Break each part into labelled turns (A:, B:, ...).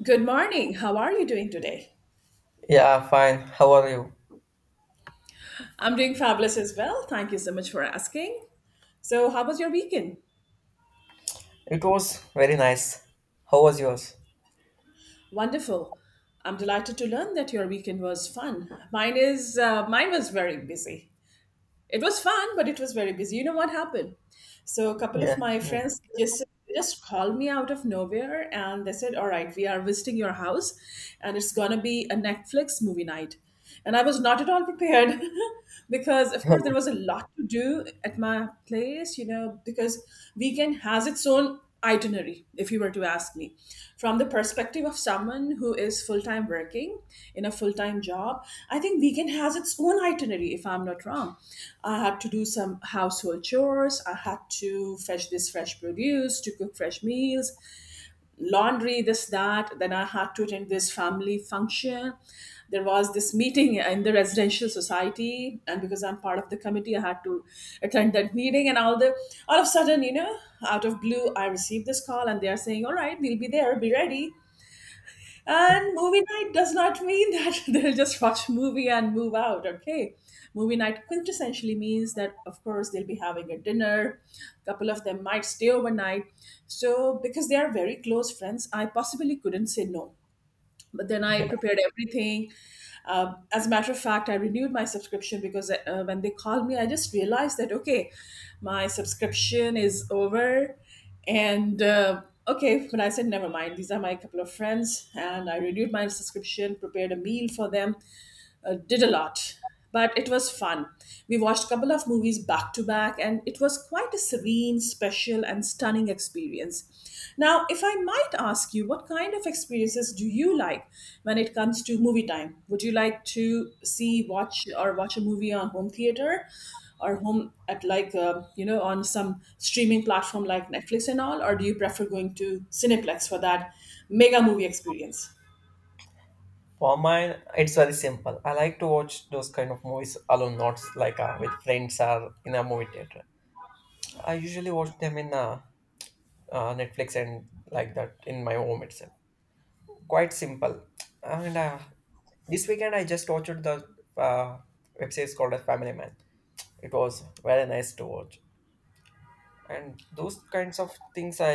A: Good morning. How are you doing today?
B: Yeah, fine. How are you?
A: I'm doing fabulous as well. Thank you so much for asking. So, how was your weekend?
B: It was very nice. How was yours?
A: Wonderful. I'm delighted to learn that your weekend was fun. Mine was very busy. It was fun, but it was very busy. You know what happened? So a couple of
B: Yeah,
A: my
B: me.
A: friends just called me out of nowhere and they said, "All right, we are visiting your house and it's going to be a Netflix movie night." And I was not at all prepared because of course there was a lot to do at my place, you know, because weekend has its own itinerary if you were to ask me from the perspective of someone who is full-time working in a full-time job. I think weekend has its own itinerary if I'm not wrong. I had to do some household chores, I had to fetch this fresh produce to cook fresh meals, laundry, this, that, then I had to attend this family function. There was this meeting in the residential society and because I'm part of the committee I had to attend that meeting and all the all of a sudden, you know, out of blue I received this call and they are saying, all right, we'll be there, be ready. And movie night does not mean that they'll just watch movie and move out, okay? Movie night quintessentially means that, of course, they'll be having a dinner. A couple of them might stay overnight. So, because they are very close friends, I possibly couldn't say no, but then I
B: Yeah.
A: prepared everything. As a matter of fact, I renewed my subscription because when they called me I just realized that okay, my subscription is over. And Okay, when I said never mind, these are my couple of friends, and I renewed my subscription, prepared a meal for them. Did a lot, but it was fun. We watched a couple of movies back to back, and it was quite a serene, special, and stunning experience. Now, if I might ask you, what kind of experiences do you like when it comes to movie time? Would you like to see, watch, or watch a movie on home theater? Or home at like you know, on some streaming platform like Netflix and all, or do you prefer going to Cineplex for that mega movie experience?
B: For mine, it's very simple. I like to watch those kind of movies alone, not like with friends or in a movie theater. I usually watch them in Netflix and like that in my home itself. Quite simple. And This weekend, I just watched the uh, web series called as Family Man. It was very nice to watch. And those kinds of things I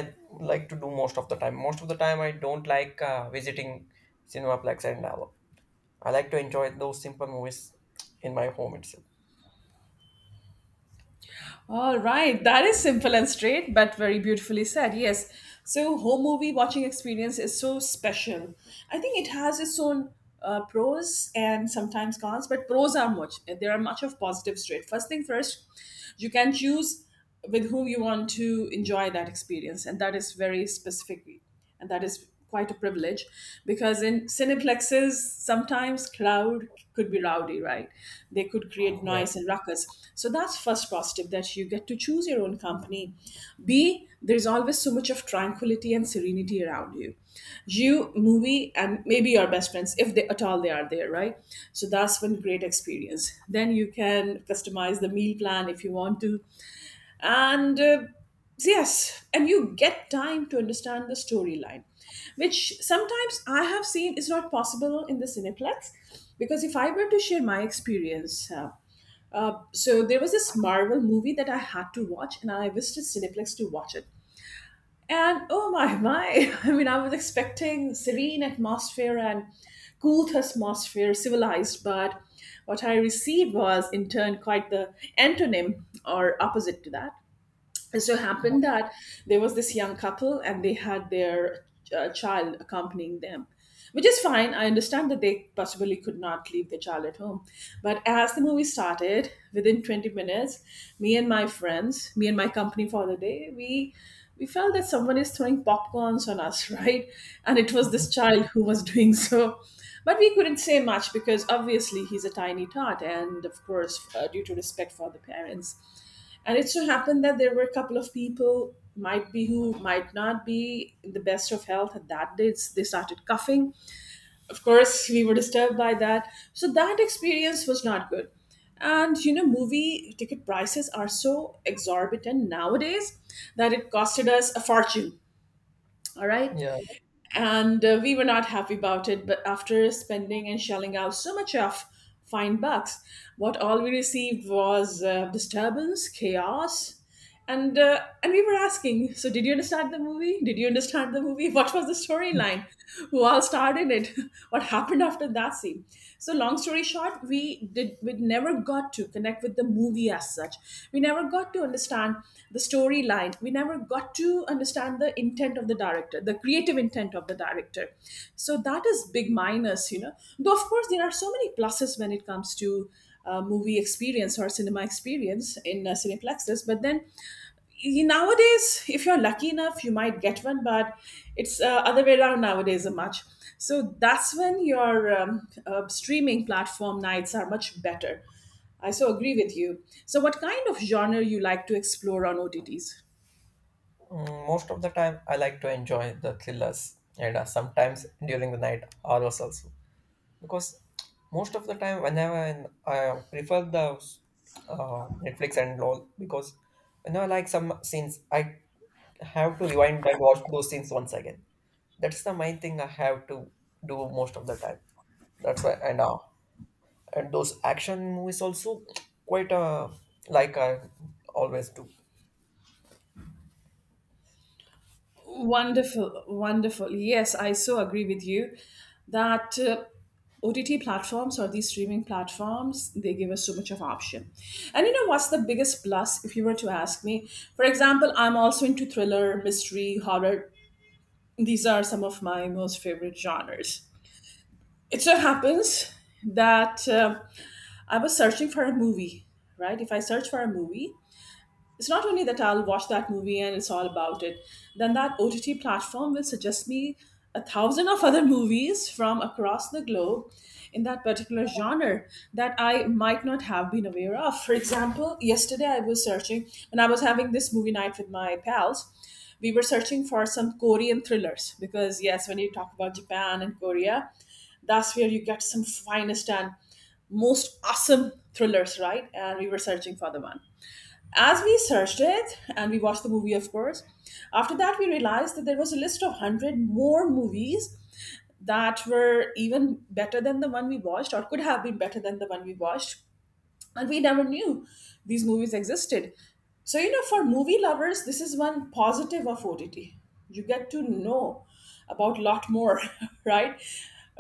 B: like to do most of the time. Most of the time I don't like visiting cinemaplex and all. I like to enjoy those simple movies in my home itself.
A: All right, that is simple and straight, but very beautifully said. Yes. So, home movie watching experience is so special. I think it has its own pros and sometimes cons, but pros are much. There are much of positives to. First thing first, you can choose with whom you want to enjoy that experience, and that is very specific and that is quite a privilege because in cineplexes sometimes crowd could be rowdy, right? They could create
B: Yeah.
A: noise and ruckus. So that's first positive, that you get to choose your own company. B, there's always so much of tranquility and serenity around you, you, movie, and maybe your best friends, if they at all they are there, right? So that's one great experience. Then you can customize the meal plan if you want to. And So yes, and you get time to understand the storyline, which sometimes I have seen is not possible in the cineplex. Because if I were to share my experience, so there was this marvel movie that I had to watch and I visited cineplex to watch it, and oh my my, I mean, I was expecting serene atmosphere and cool atmosphere, civilized, but what I received was in turn quite the antonym or opposite to that. And so it happened that there was this young couple and they had their child accompanying them, which is fine. I understand that they possibly could not leave their child at home. But as the movie started, within 20 minutes, me and my friends, me and my company for the day, we felt that someone is throwing popcorns on us, right? And it was this child who was doing so. But we couldn't say much because obviously he's a tiny tot, and of course, due to respect for the parents, and it so happened that there were a couple of people, might be who might not be in the best of health at that day. It's— They started coughing. Of course, we were disturbed by that. So that experience was not good. And you know, movie ticket prices are so exorbitant nowadays that it costed us a fortune. All right,
B: Yeah.
A: and we were not happy about it, but after spending and shelling out so much of fine bucks, what all we received was disturbance, chaos. And and we were asking, so did you understand the movie, did you understand the movie, what was the storyline, who all started it, what happened after that scene. So long story short, what we did, we never got to connect with the movie as such, we never got to understand the storyline, we never got to understand the intent of the director, the creative intent of the director. So that is big minus, you know, though of course there are so many pluses when it comes to movie experience or cinema experience in cineplexes, but then nowadays if you're lucky enough you might get one, but it's other way around nowadays a much. So that's when your streaming platform nights are much better. I so agree with you. So what kind of genre you like to explore on OTTs?
B: Most of the time I like to enjoy the thrillers and sometimes during the night horrors also. Because most of the time whenever I prefer the Netflix and all, because whenever I like some scenes, I have to rewind and watch those scenes once again. That's the main thing I have to do most of the time. That's why. And those action movies also, quite uh, like I always do.
A: Wonderful, wonderful. Yes, I so agree with you that OTT platforms or these streaming platforms, they give us so much of option. And you know what's the biggest plus if you were to ask me? For example, I'm also into thriller, mystery, horror. These are some of my most favorite genres. It so happens that I was searching for a movie, right? If I search for a movie, it's not only that I'll watch that movie and it's all about it, then that OTT platform will suggest me a thousand of other movies from across the globe in that particular genre that I might not have been aware of. For example, yesterday I was searching, when I was having this movie night with my pals, we were searching for some Korean thrillers because, yes, when you talk about Japan and Korea, that's where you get some finest and most awesome thrillers, right? And we were searching for the one. As we searched it and we watched the movie, of course, after that we realized that there was a list of 100 more movies that were even better than the one we watched or could have been better than the one we watched, and we never knew these movies existed. So you know, for movie lovers, this is one positive of OTT. You get to know about a lot more, right,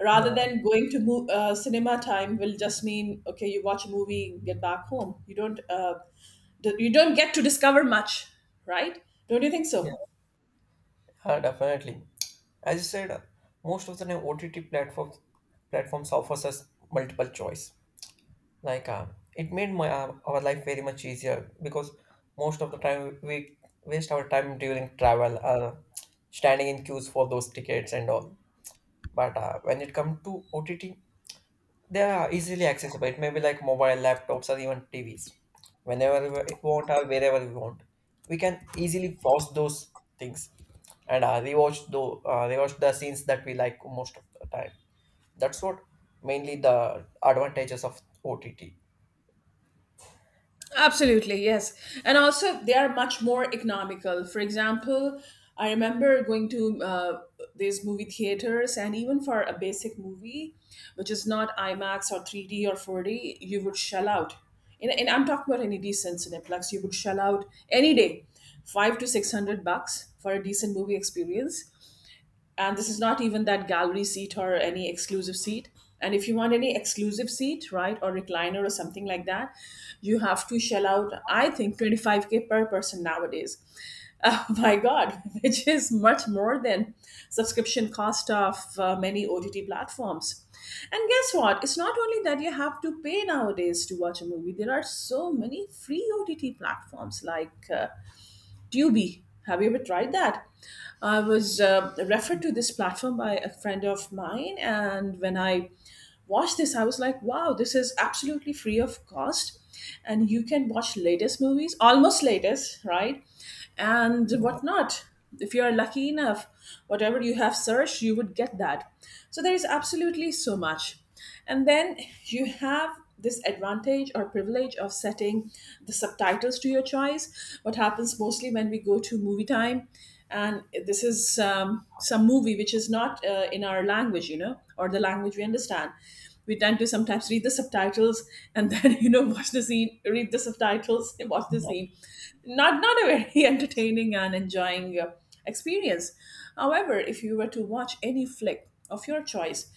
A: rather
B: Yeah,
A: than going to cinema time will just mean okay, you watch a movie, get back home, you don't you don't get to discover much, right? Don't you think so?
B: yeah, definitely. As you said, most of the time OTT platforms offers us multiple choice. Like it made my our life very much easier, because most of the time we waste our time during travel, standing in queues for those tickets and all. But when it comes to OTT, they are easily accessible. It may be like mobile, laptops, or even TVs. Whenever we want or wherever we want, we can easily pause those things and rewatch the scenes that we like most of the time. That's what mainly the advantages of OTT.
A: Absolutely, yes. And also, they are much more economical. For example, I remember going to these movie theaters, and even for a basic movie, which is not IMAX or 3D or 4D, you would shell out. And I'm talking about any decent Cineplex, you would shell out any day five to six hundred bucks for a decent movie experience, and this is not even that gallery seat or any exclusive seat. And if you want any exclusive seat, right, or recliner or something like that, you have to shell out, I think, 25k per person nowadays. Oh my god, which is much more than subscription cost of many OTT platforms. And guess what, it's not only that you have to pay nowadays to watch a movie, there are so many free OTT platforms like Tubi. Have you ever tried that? I was referred to this platform by a friend of mine, and when I watched this, I was like, wow, this is absolutely free of cost. And you can watch latest movies, almost latest, right? And
B: Yeah,
A: whatnot. If you are lucky enough, whatever you have searched, you would get that. So there is absolutely so much. And then you have this advantage or privilege of setting the subtitles to your choice. What happens mostly when we go to movie time, and this is some movie which is not in our language, you know, or the language we understand. We tend to sometimes read the subtitles and then you know, watch the scene, read the subtitles, and watch the scene. Not a very entertaining and enjoying experience. However, if you were to watch any flick of your choice,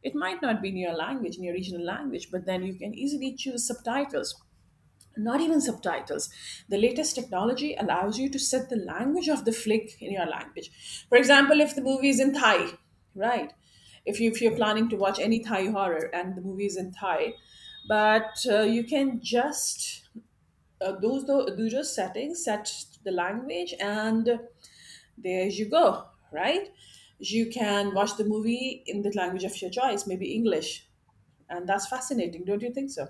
A: it might not be in your language, in your regional language, but then you can easily choose subtitles. Not even subtitles. The latest technology allows you to set the language of the flick in your language. For example, if the movie is in Thai, right? If you're
B: yeah,
A: planning to watch any Thai horror and the movie is in Thai, but you can just do those settings, set the language, and there you go, right? You can watch the movie in the language of your choice, maybe English. And that's fascinating, don't you think so?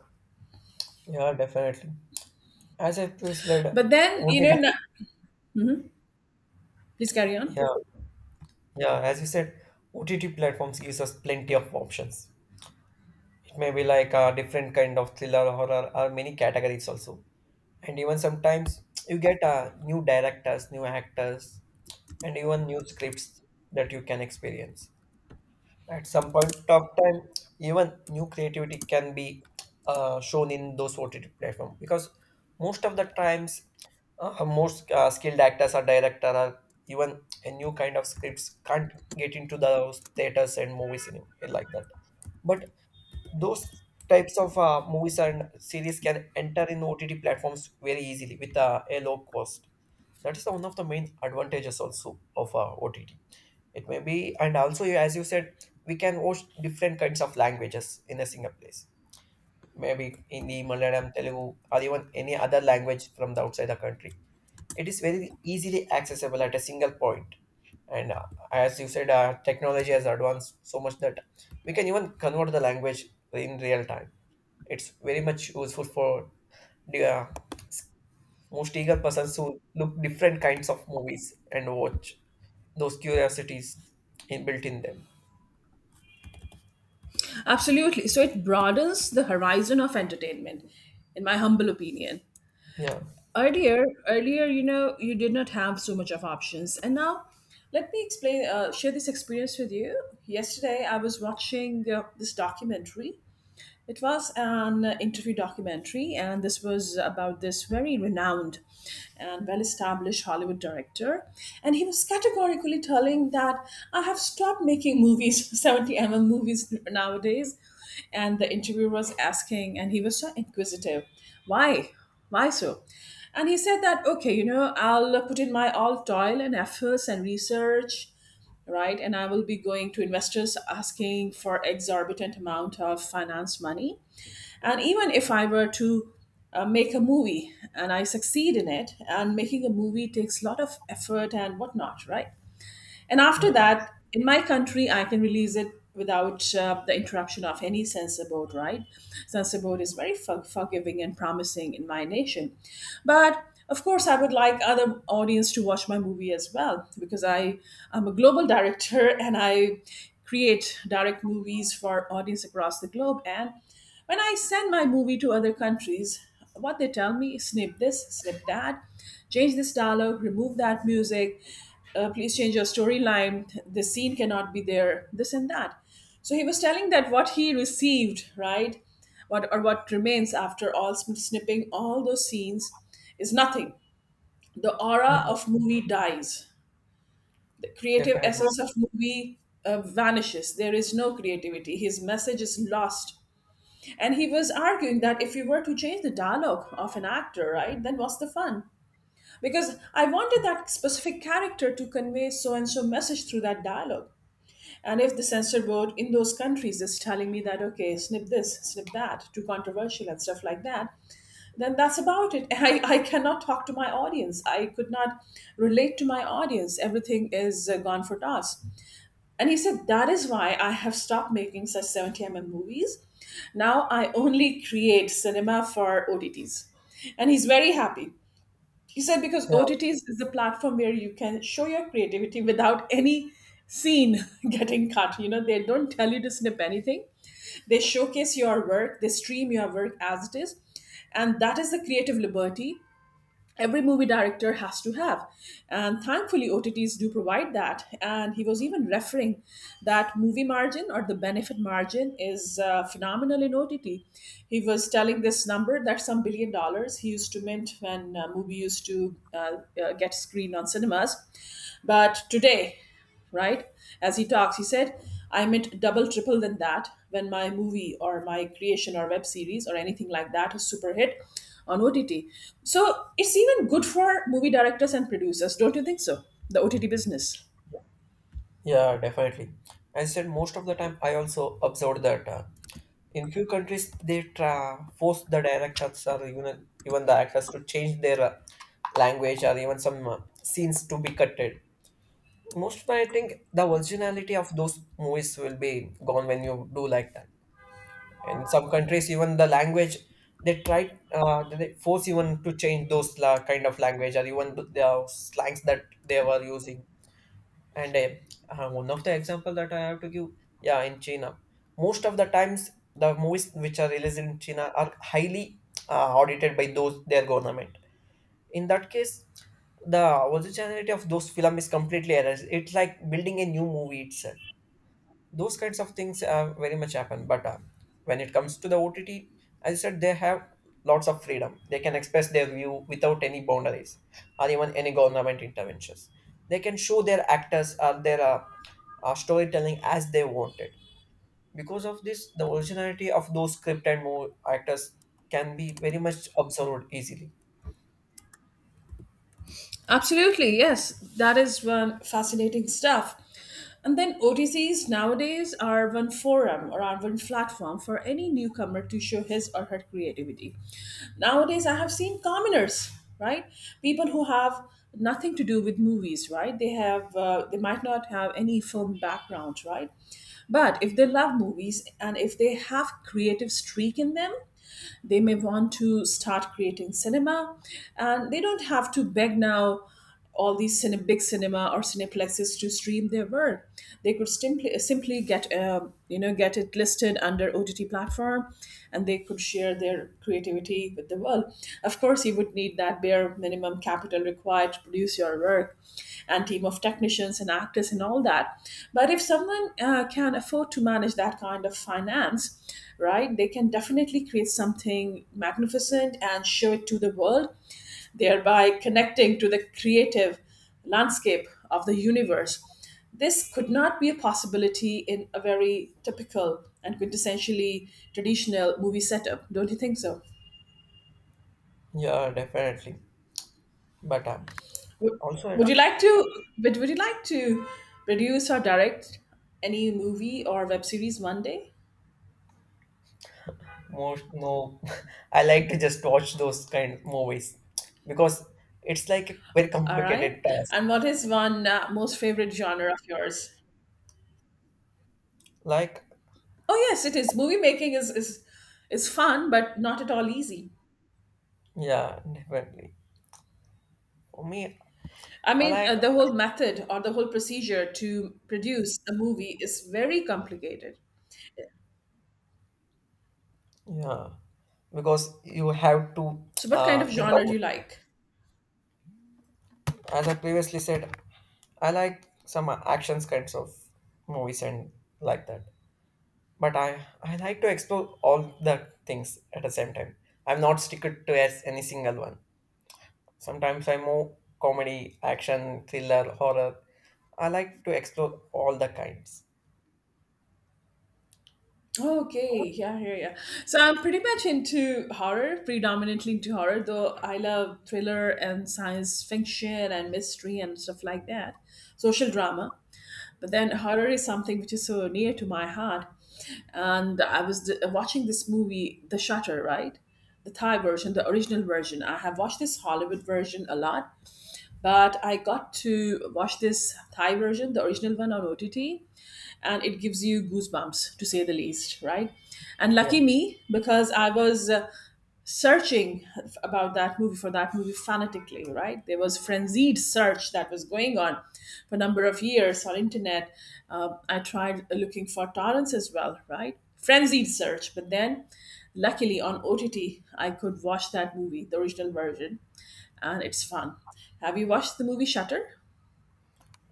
B: yeah, definitely. As I previously said,
A: But then,
B: OTT.
A: please carry on.
B: Yeah, yeah. As you said, OTT platforms gives us plenty of options. It may be like a different kind of thriller, horror, or many categories also. And even sometimes you get new directors, new actors, and even new scripts that you can experience at some point of time. Even new creativity can be shown in those OTT platform, because most of the times most skilled actors or director, or even a new kind of scripts can't get into those theaters and movies anymore like that. But those types of movies and series can enter in OTT platforms very easily with a low cost. That is one of the main advantages also of OTT. It may be. And also, yeah, as you said, we can watch different kinds of languages in a single place. Maybe Hindi, Malayalam, Telugu, or even any other language from the outside the country. It is very easily accessible at a single point. And As you said, technology has advanced so much that we can even convert the language in real time. It's very much useful for the most eager persons who look different kinds of movies and watch those curiosities in built in them.
A: Absolutely. So it broadens the horizon of entertainment, in my humble opinion.
B: Yeah,
A: Earlier, you did not have so much of options, and now, let me explain. Share this experience with you. Yesterday, I was watching this documentary. It was an interview documentary, and this was about this very renowned and well established Hollywood director. And he was categorically telling that I have stopped making movies, 70 mm movies nowadays. And the interviewer was asking, and he was so inquisitive, why? Why so? And he said that, okay, I'll put in my all toil and efforts and research, right? And I will be going to investors asking for exorbitant amount of finance money. And even if I were to make a movie and I succeed in it, and making a movie takes a lot of effort and whatnot, right? And after
B: yeah,
A: that, in my country, I can release it without the interruption of any censor board, right? Censor board is very forgiving and promising in my nation. But of course, I would like other audience to watch my movie as well, because I am a global director and I create direct movies for audience across the globe. And when I send my movie to other countries, what they tell me, snip this, snip that, change this dialogue, remove that music, please change your storyline, this scene cannot be there, this and that. So he was telling that what he received, right, what remains after all snipping all those scenes is nothing. The aura
B: yeah,
A: of movie dies, the creative
B: definitely.
A: essence of movie vanishes, there is no creativity, his message is lost. And he was arguing that if we were to change the dialogue of an actor, right, then what's the fun? Because I wanted that specific character to convey so and so message through that dialogue. And if the censor board in those countries is telling me that, okay, snip this, snip that, too controversial and stuff like that, then that's about it. I cannot talk to my audience. I could not relate to my audience. Everything is gone for toss. And he said, that is why I have stopped making such 70 mm movies. Now I only create cinema for OTTs. And he's very happy. He said because
B: Yeah,
A: OTTs is the platform where you can show your creativity without any scene getting cut. You know, they don't tell you to snip anything. They showcase your work, they stream your work as it is. And that is the creative liberty every movie director has to have, and thankfully OTTs do provide that. And he was even referring that movie margin or the benefit margin is phenomenal in OTT. He was telling this number that some billion dollars he used to mint when movie used to get screened on cinemas. But today, right? As he talks, he said, I meant double, triple than that when my movie or my creation or web series or anything like that is super hit on OTT. So it's even good for movie directors and producers, don't you think so? The OTT business.
B: yeah, definitely. As I said, most of the time I also observed that, in few countries force the directors, or even the actors, to change their language, or even some scenes to be cutted. Most of the, I think, the originality of those movies will be gone when you do like that. In some countries, even the language they try, they force even to change kind of language or even the slangs that they were using. And One of the example that I have to give, yeah, in China, most of the times the movies which are released in China are highly audited by those their government. In that case, the originality of those film is completely erased. It's like building a new movie itself. Those kinds of things very much happen. But when it comes to the OTT, as I said, they have lots of freedom. They can express their view without any boundaries or even any government interventions. They can show their actors or their storytelling as they wanted. Because of this, the originality of those script and more actors can be very much observed easily.
A: Absolutely, yes. That is one fascinating stuff. And then OTCs nowadays are one forum or are one platform for any newcomer to show his or her creativity. Nowadays, I have seen commoners, right? People who have nothing to do with movies, right? They might not have any film background, right? But if they love movies and if they have creative streak in them, they may want to start creating cinema, and they don't have to beg now all these big cinema or cineplexes to stream their work. They could simply get you know get it listed under OTT platform, and they could share their creativity with the world. Of course, you would need that bare minimum capital required to produce your work, and team of technicians and actors and all that. But if someone can afford to manage that kind of finance, right? They can definitely create something magnificent and show it to the world, thereby connecting to the creative landscape of the universe. This could not be a possibility in a very typical and quintessentially traditional movie setup, don't you think so?
B: Yeah, definitely. But
A: Would,
B: also at,
A: would you like to? But would you like to produce or direct any movie or web series one day?
B: most no, I like to just watch those kind of movies because it's like a very
A: All right.
B: complicated task.
A: And what is one most favorite genre of yours?
B: Like
A: Oh yes, it is. Movie making is fun, but not at all easy.
B: yeah, definitely. For me,
A: I
B: I
A: mean,
B: like,
A: the whole method or the whole procedure to produce a movie is very complicated.
B: yeah, because you have to
A: So, what kind
B: uh,
A: of
B: think
A: genre do
B: about.
A: you like?
B: As I previously said, I like some actions kinds of movies and like that. But I like to explore all the things at the same time. I'm not sticked to as any single one. Sometimes I move comedy, action, thriller, horror. I like to explore all the kinds.
A: Oh, okay, yeah, yeah, yeah. So I'm pretty much into horror, predominantly into horror, though I love thriller and science fiction and mystery and stuff like that, social drama. But then horror is something which is so near to my heart. And I was watching this movie, The Shutter, right? The Thai version, the original version. I have watched this Hollywood version a lot, but I got to watch this Thai version, the original one on OTT, and it gives you goosebumps to say the least, right? And
B: Yeah.
A: lucky me, because I was searching about that movie for that movie fanatically, right? There was frenzied search that was going on for a number of years on internet. I tried looking for torrents as well, right? Frenzied search, but then luckily on OTT I could watch that movie, the original version, and it's fun. Have you watched the movie Shutter?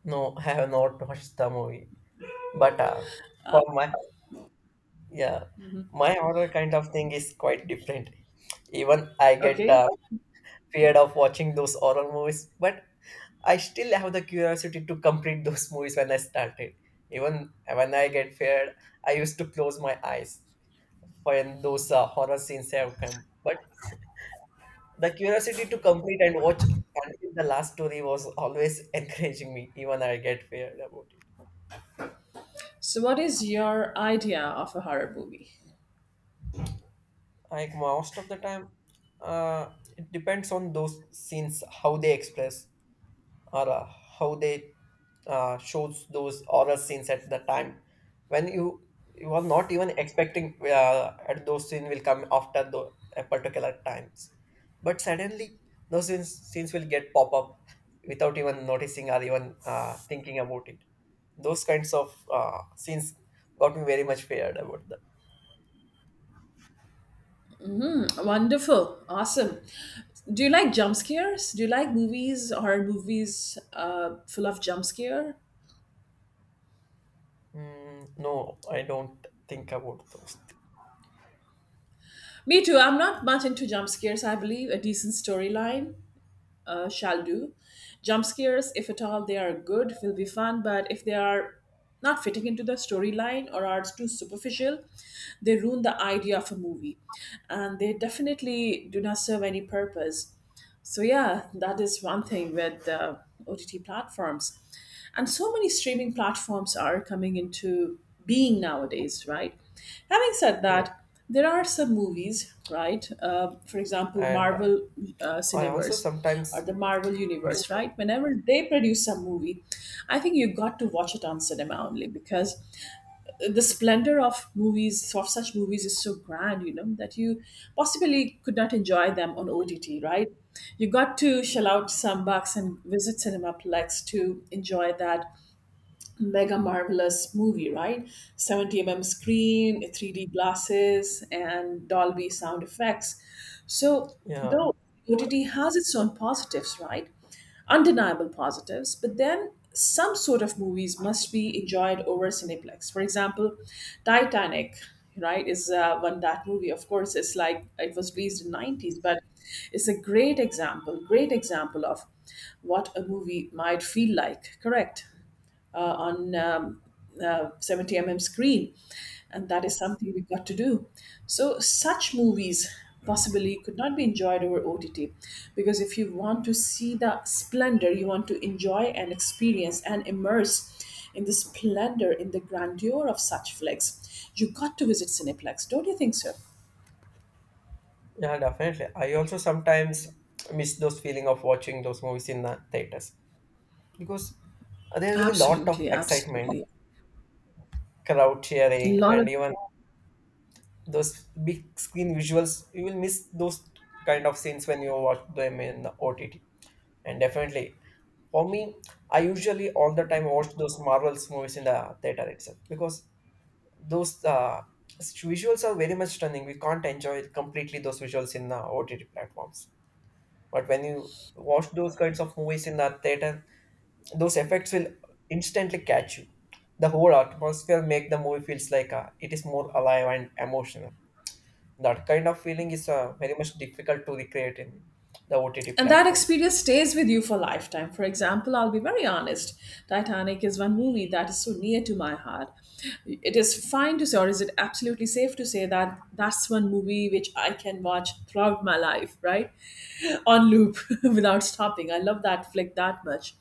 B: No, I have not watched the movie. But for my, yeah, my horror kind of thing is quite different. Even I get
A: Okay.
B: feared of watching those horror movies, but I still have the curiosity to complete those movies when I started. Even when I get scared, I used to close my eyes when those horror scenes have come. But the curiosity to complete and watch until the last story was always encouraging me, even I get scared about it.
A: So, what is your idea of a horror movie?
B: Like most of the time, uh, it depends on those scenes, how they express. Or how they shows those horror scenes at the time when you are not even expecting at those scenes will come after the a particular times, but suddenly those scenes will get pop up without even noticing or even thinking about it. Those kinds of scenes got me very much feared about that.
A: Wonderful. Awesome. Do you like jump scares? Do you like movies, horror movies full of jump scare?
B: No, I don't think about those.
A: Me too. I'm not much into jump scares. I believe a decent storyline shall do. Jump scares, if at all they are good, will be fun, but if they are not fitting into the storyline or are too superficial, they ruin the idea of a movie. And they definitely do not serve any purpose. So yeah, that is one thing with OTT platforms, and so many streaming platforms are coming into being nowadays, right? Having said
B: Yeah.
A: that, there are some movies, right? For example,
B: And
A: Marvel
B: I also
A: Cineverse or
B: sometimes
A: the Marvel
B: miss,
A: Universe, right? Whenever they produce some movie, I think you got to watch it on cinema only, because the splendor of such movies is so grand, that you possibly could not enjoy them on OTT, right? You got to shell out some bucks and visit cinemaplex to enjoy that mega marvelous movie, right? 70 mm screen, 3D glasses, and Dolby sound effects. So,
B: yeah,
A: though OTT has its own positives, right? Undeniable positives, but then some sort of movies must be enjoyed over Cineplex. For example, Titanic, right, is one that movie. Of course, it's like it was released in 90s, but it's a great example of what a movie might feel like, correct? On 70 mm screen, and that is something we've got to do. So such movies possibly could not be enjoyed over OTT, because if you want to see the splendor, you want to enjoy and experience and immerse in the splendor, in the grandeur of such flicks, you got to visit cineplex, don't you think so?
B: yeah, definitely. I also sometimes miss those feeling of watching those movies in the theaters, because there will be lot of
A: Absolutely,
B: excitement,
A: absolutely.
B: crowd
A: A
B: cheering,
A: lot of
B: and even those big screen visuals. You will miss those kind of scenes when you watch them in the OTT. And definitely, for me, I usually all the time watch those Marvels movies in the theater itself, because those visuals are very much stunning. We can't enjoy completely those visuals in the OTT platforms. But when you watch those kinds of movies in the theater, those effects will instantly catch you. The whole atmosphere make the movie feels like it is more alive and emotional. That kind of feeling is very much difficult to recreate in the OTT
A: And that
B: platforms.
A: experience stays with you for a lifetime. For example, I'll be very honest, Titanic is one movie that is so near to my heart. It is fine to say, or is it absolutely safe to say, that that's one movie which I can watch throughout my life, right? On loop without stopping. I love that flick that much.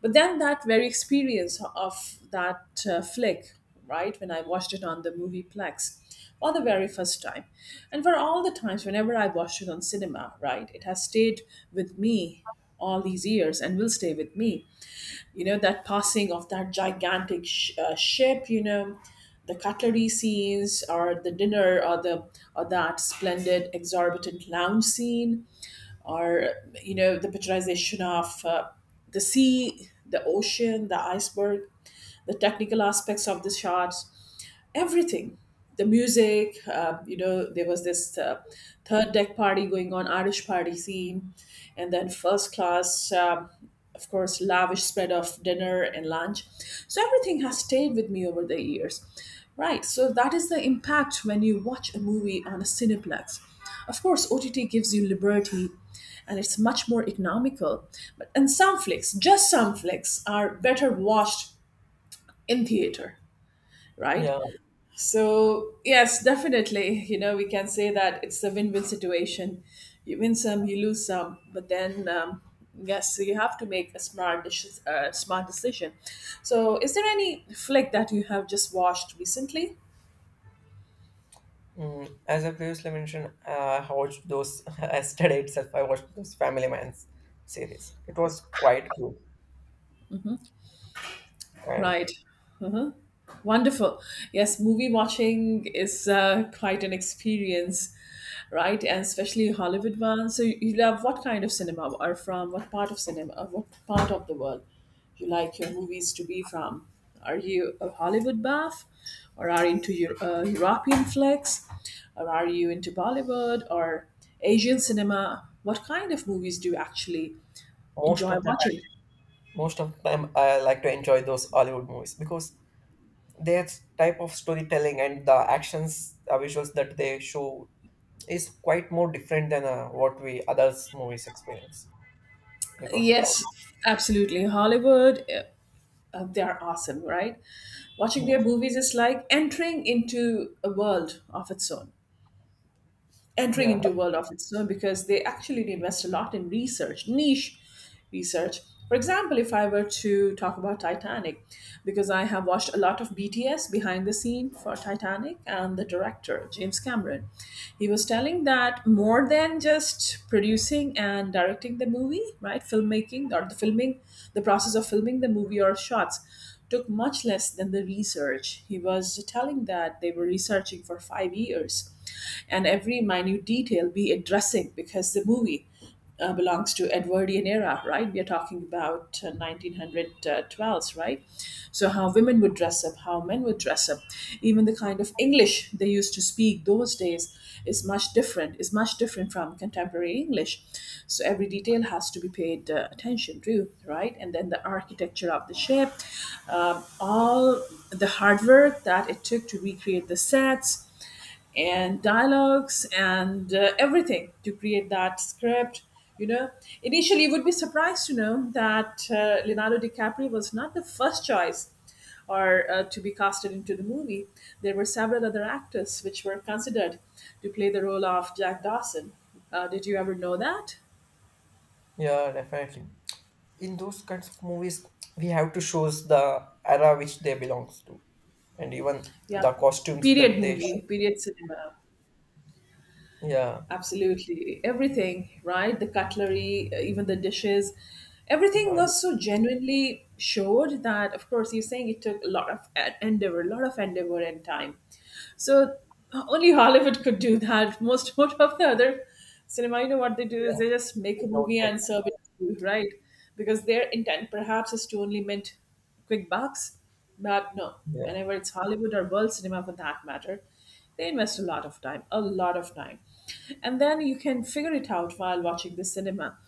A: But then that very experience of that flick, right, when I watched it on the movieplex, for the very first time, and for all the times whenever I watched it on cinema, right, it has stayed with me all these years and will stay with me. You know, that passing of that gigantic ship, you know, the cutlery scenes or the dinner or the or that splendid exorbitant lounge scene, or you know the picturization of the sea, the ocean, the iceberg, the technical aspects of the shot, everything. The music, you know, there was this third deck party going on, Irish party scene, and then first class, of course, lavish spread of dinner and lunch. So everything has stayed with me over the years, right? So that is the impact when you watch a movie on a cineplex. Of course, OTT gives you liberty and it's much more economical, but and some flicks, just some flicks are better watched in theater, right?
B: Yeah.
A: So, yes, definitely, you know, we can say that it's a win win situation. You win some, you lose some, but then, yes, so you have to make a smart, smart decision. So, is there any flick that you have just watched recently?
B: As I previously mentioned, I watched those yesterday itself. I watched those Family Man's series. It was quite cool. And
A: Right. Wonderful. Yes, movie watching is quite an experience, right? And especially Hollywood one. So you love what kind of cinema or from what part of cinema or what part of the world you like your movies to be from? Are you a Hollywood buff or are you into your European flicks or are you into Bollywood or Asian cinema? What kind of movies do you actually
B: most
A: enjoy
B: of the time,
A: watching?
B: most of the time, I like to enjoy those Hollywood movies, because their type of storytelling and the actions visuals that they show is quite more different than what we others movies experience because
A: Yes, absolutely. Hollywood, they are awesome, right? Watching
B: yeah.
A: their movies is like entering into a world of its own, entering
B: Yeah,
A: into a world of its own, because they actually invest a lot in research, niche research. For example, if I were to talk about Titanic, because I have watched a lot of BTS, behind the scene, for Titanic, and the director, James Cameron, he was telling that more than just producing and directing the movie, right? Filmmaking or the filming, the process of filming the movie or shots, took much less than the research. He was telling that they were researching for 5 years and every minute detail we addressing, because the movie belongs to Edwardian era, right? We are talking about 1912s, right? So how women would dress up, how men would dress up, even the kind of English they used to speak those days is much different, is much different from contemporary English. So every detail has to be paid attention to, right? And then the architecture of the ship, all the hard work that it took to recreate the sets and dialogues and everything to create that script. You know, initially you would be surprised to know that Leonardo DiCaprio was not the first choice or to be casted into the movie. There were several other actors which were considered to play the role of Jack Dawson. Did you ever know that?
B: yeah, definitely, in those kinds of movies we have to shows the era which they belongs to, and even
A: Yeah,
B: the costumes
A: period
B: that they show.
A: movie, period cinema.
B: Yeah.
A: Absolutely everything, right? The cutlery, even the dishes, everything
B: Uh,
A: was so genuinely showed that, of course, you're saying it took a lot of endeavor, a lot of endeavor and time. So only Hollywood could do that. Most, most of the other cinema, you know what they do is
B: yeah,
A: they just make
B: they
A: a
B: don't
A: movie
B: take.
A: and serve it to you, right? Because their intent perhaps is to only mint quick bucks. But no,
B: Yeah,
A: whenever it's Hollywood or world cinema for that matter, they invest a lot of time, a lot of time. And then you can figure it out while watching the cinema,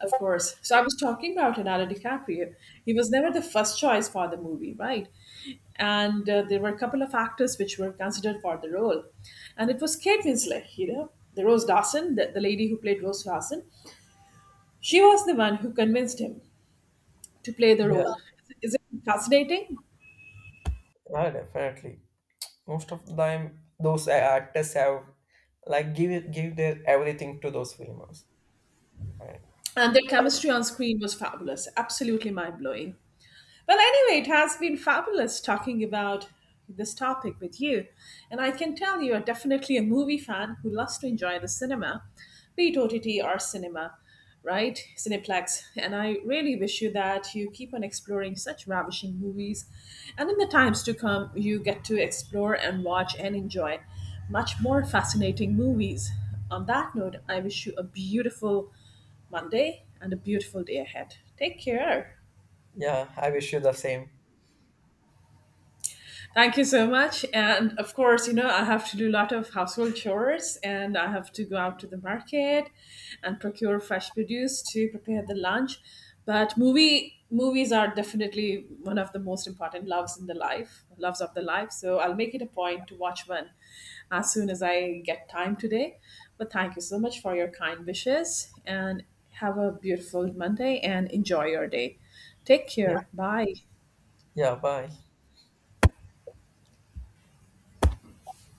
A: of course. So I was talking about Leonardo DiCaprio. He was never the first choice for the movie, right? And there were a couple of actors which were considered for the role. And it was Kate Winslet, you know, the Rose Dawson, the lady who played Rose Dawson. She was the one who convinced him to play the
B: yeah,
A: role. Is it fascinating?
B: yeah, definitely, most of the time those actors have like give it- give their everything to those films. And
A: And their chemistry on screen was fabulous, absolutely mind blowing. Well, anyway, it has been fabulous talking about this topic with you. And I can tell you are definitely a movie fan who loves to enjoy the cinema, be it OTT or cinema, right? Cineplex. And I really wish you that you keep on exploring such ravishing movies. And in the times to come, you get to explore and watch and enjoy much more fascinating movies. On that note, I wish you a beautiful Monday and a beautiful day ahead. Take care.
B: yeah, I wish you the same.
A: Thank you so much. And of course, you know, I have to do a lot of household chores and I have to go out to the market and procure fresh produce to prepare the lunch. But movies are definitely one of the most important loves in the life, loves of the life. So I'll make it a point to watch one as soon as I get time today. But thank you so much for your kind wishes, and have a beautiful Monday and enjoy your day. Take
B: Yeah,
A: care. Bye.
B: yeah, bye.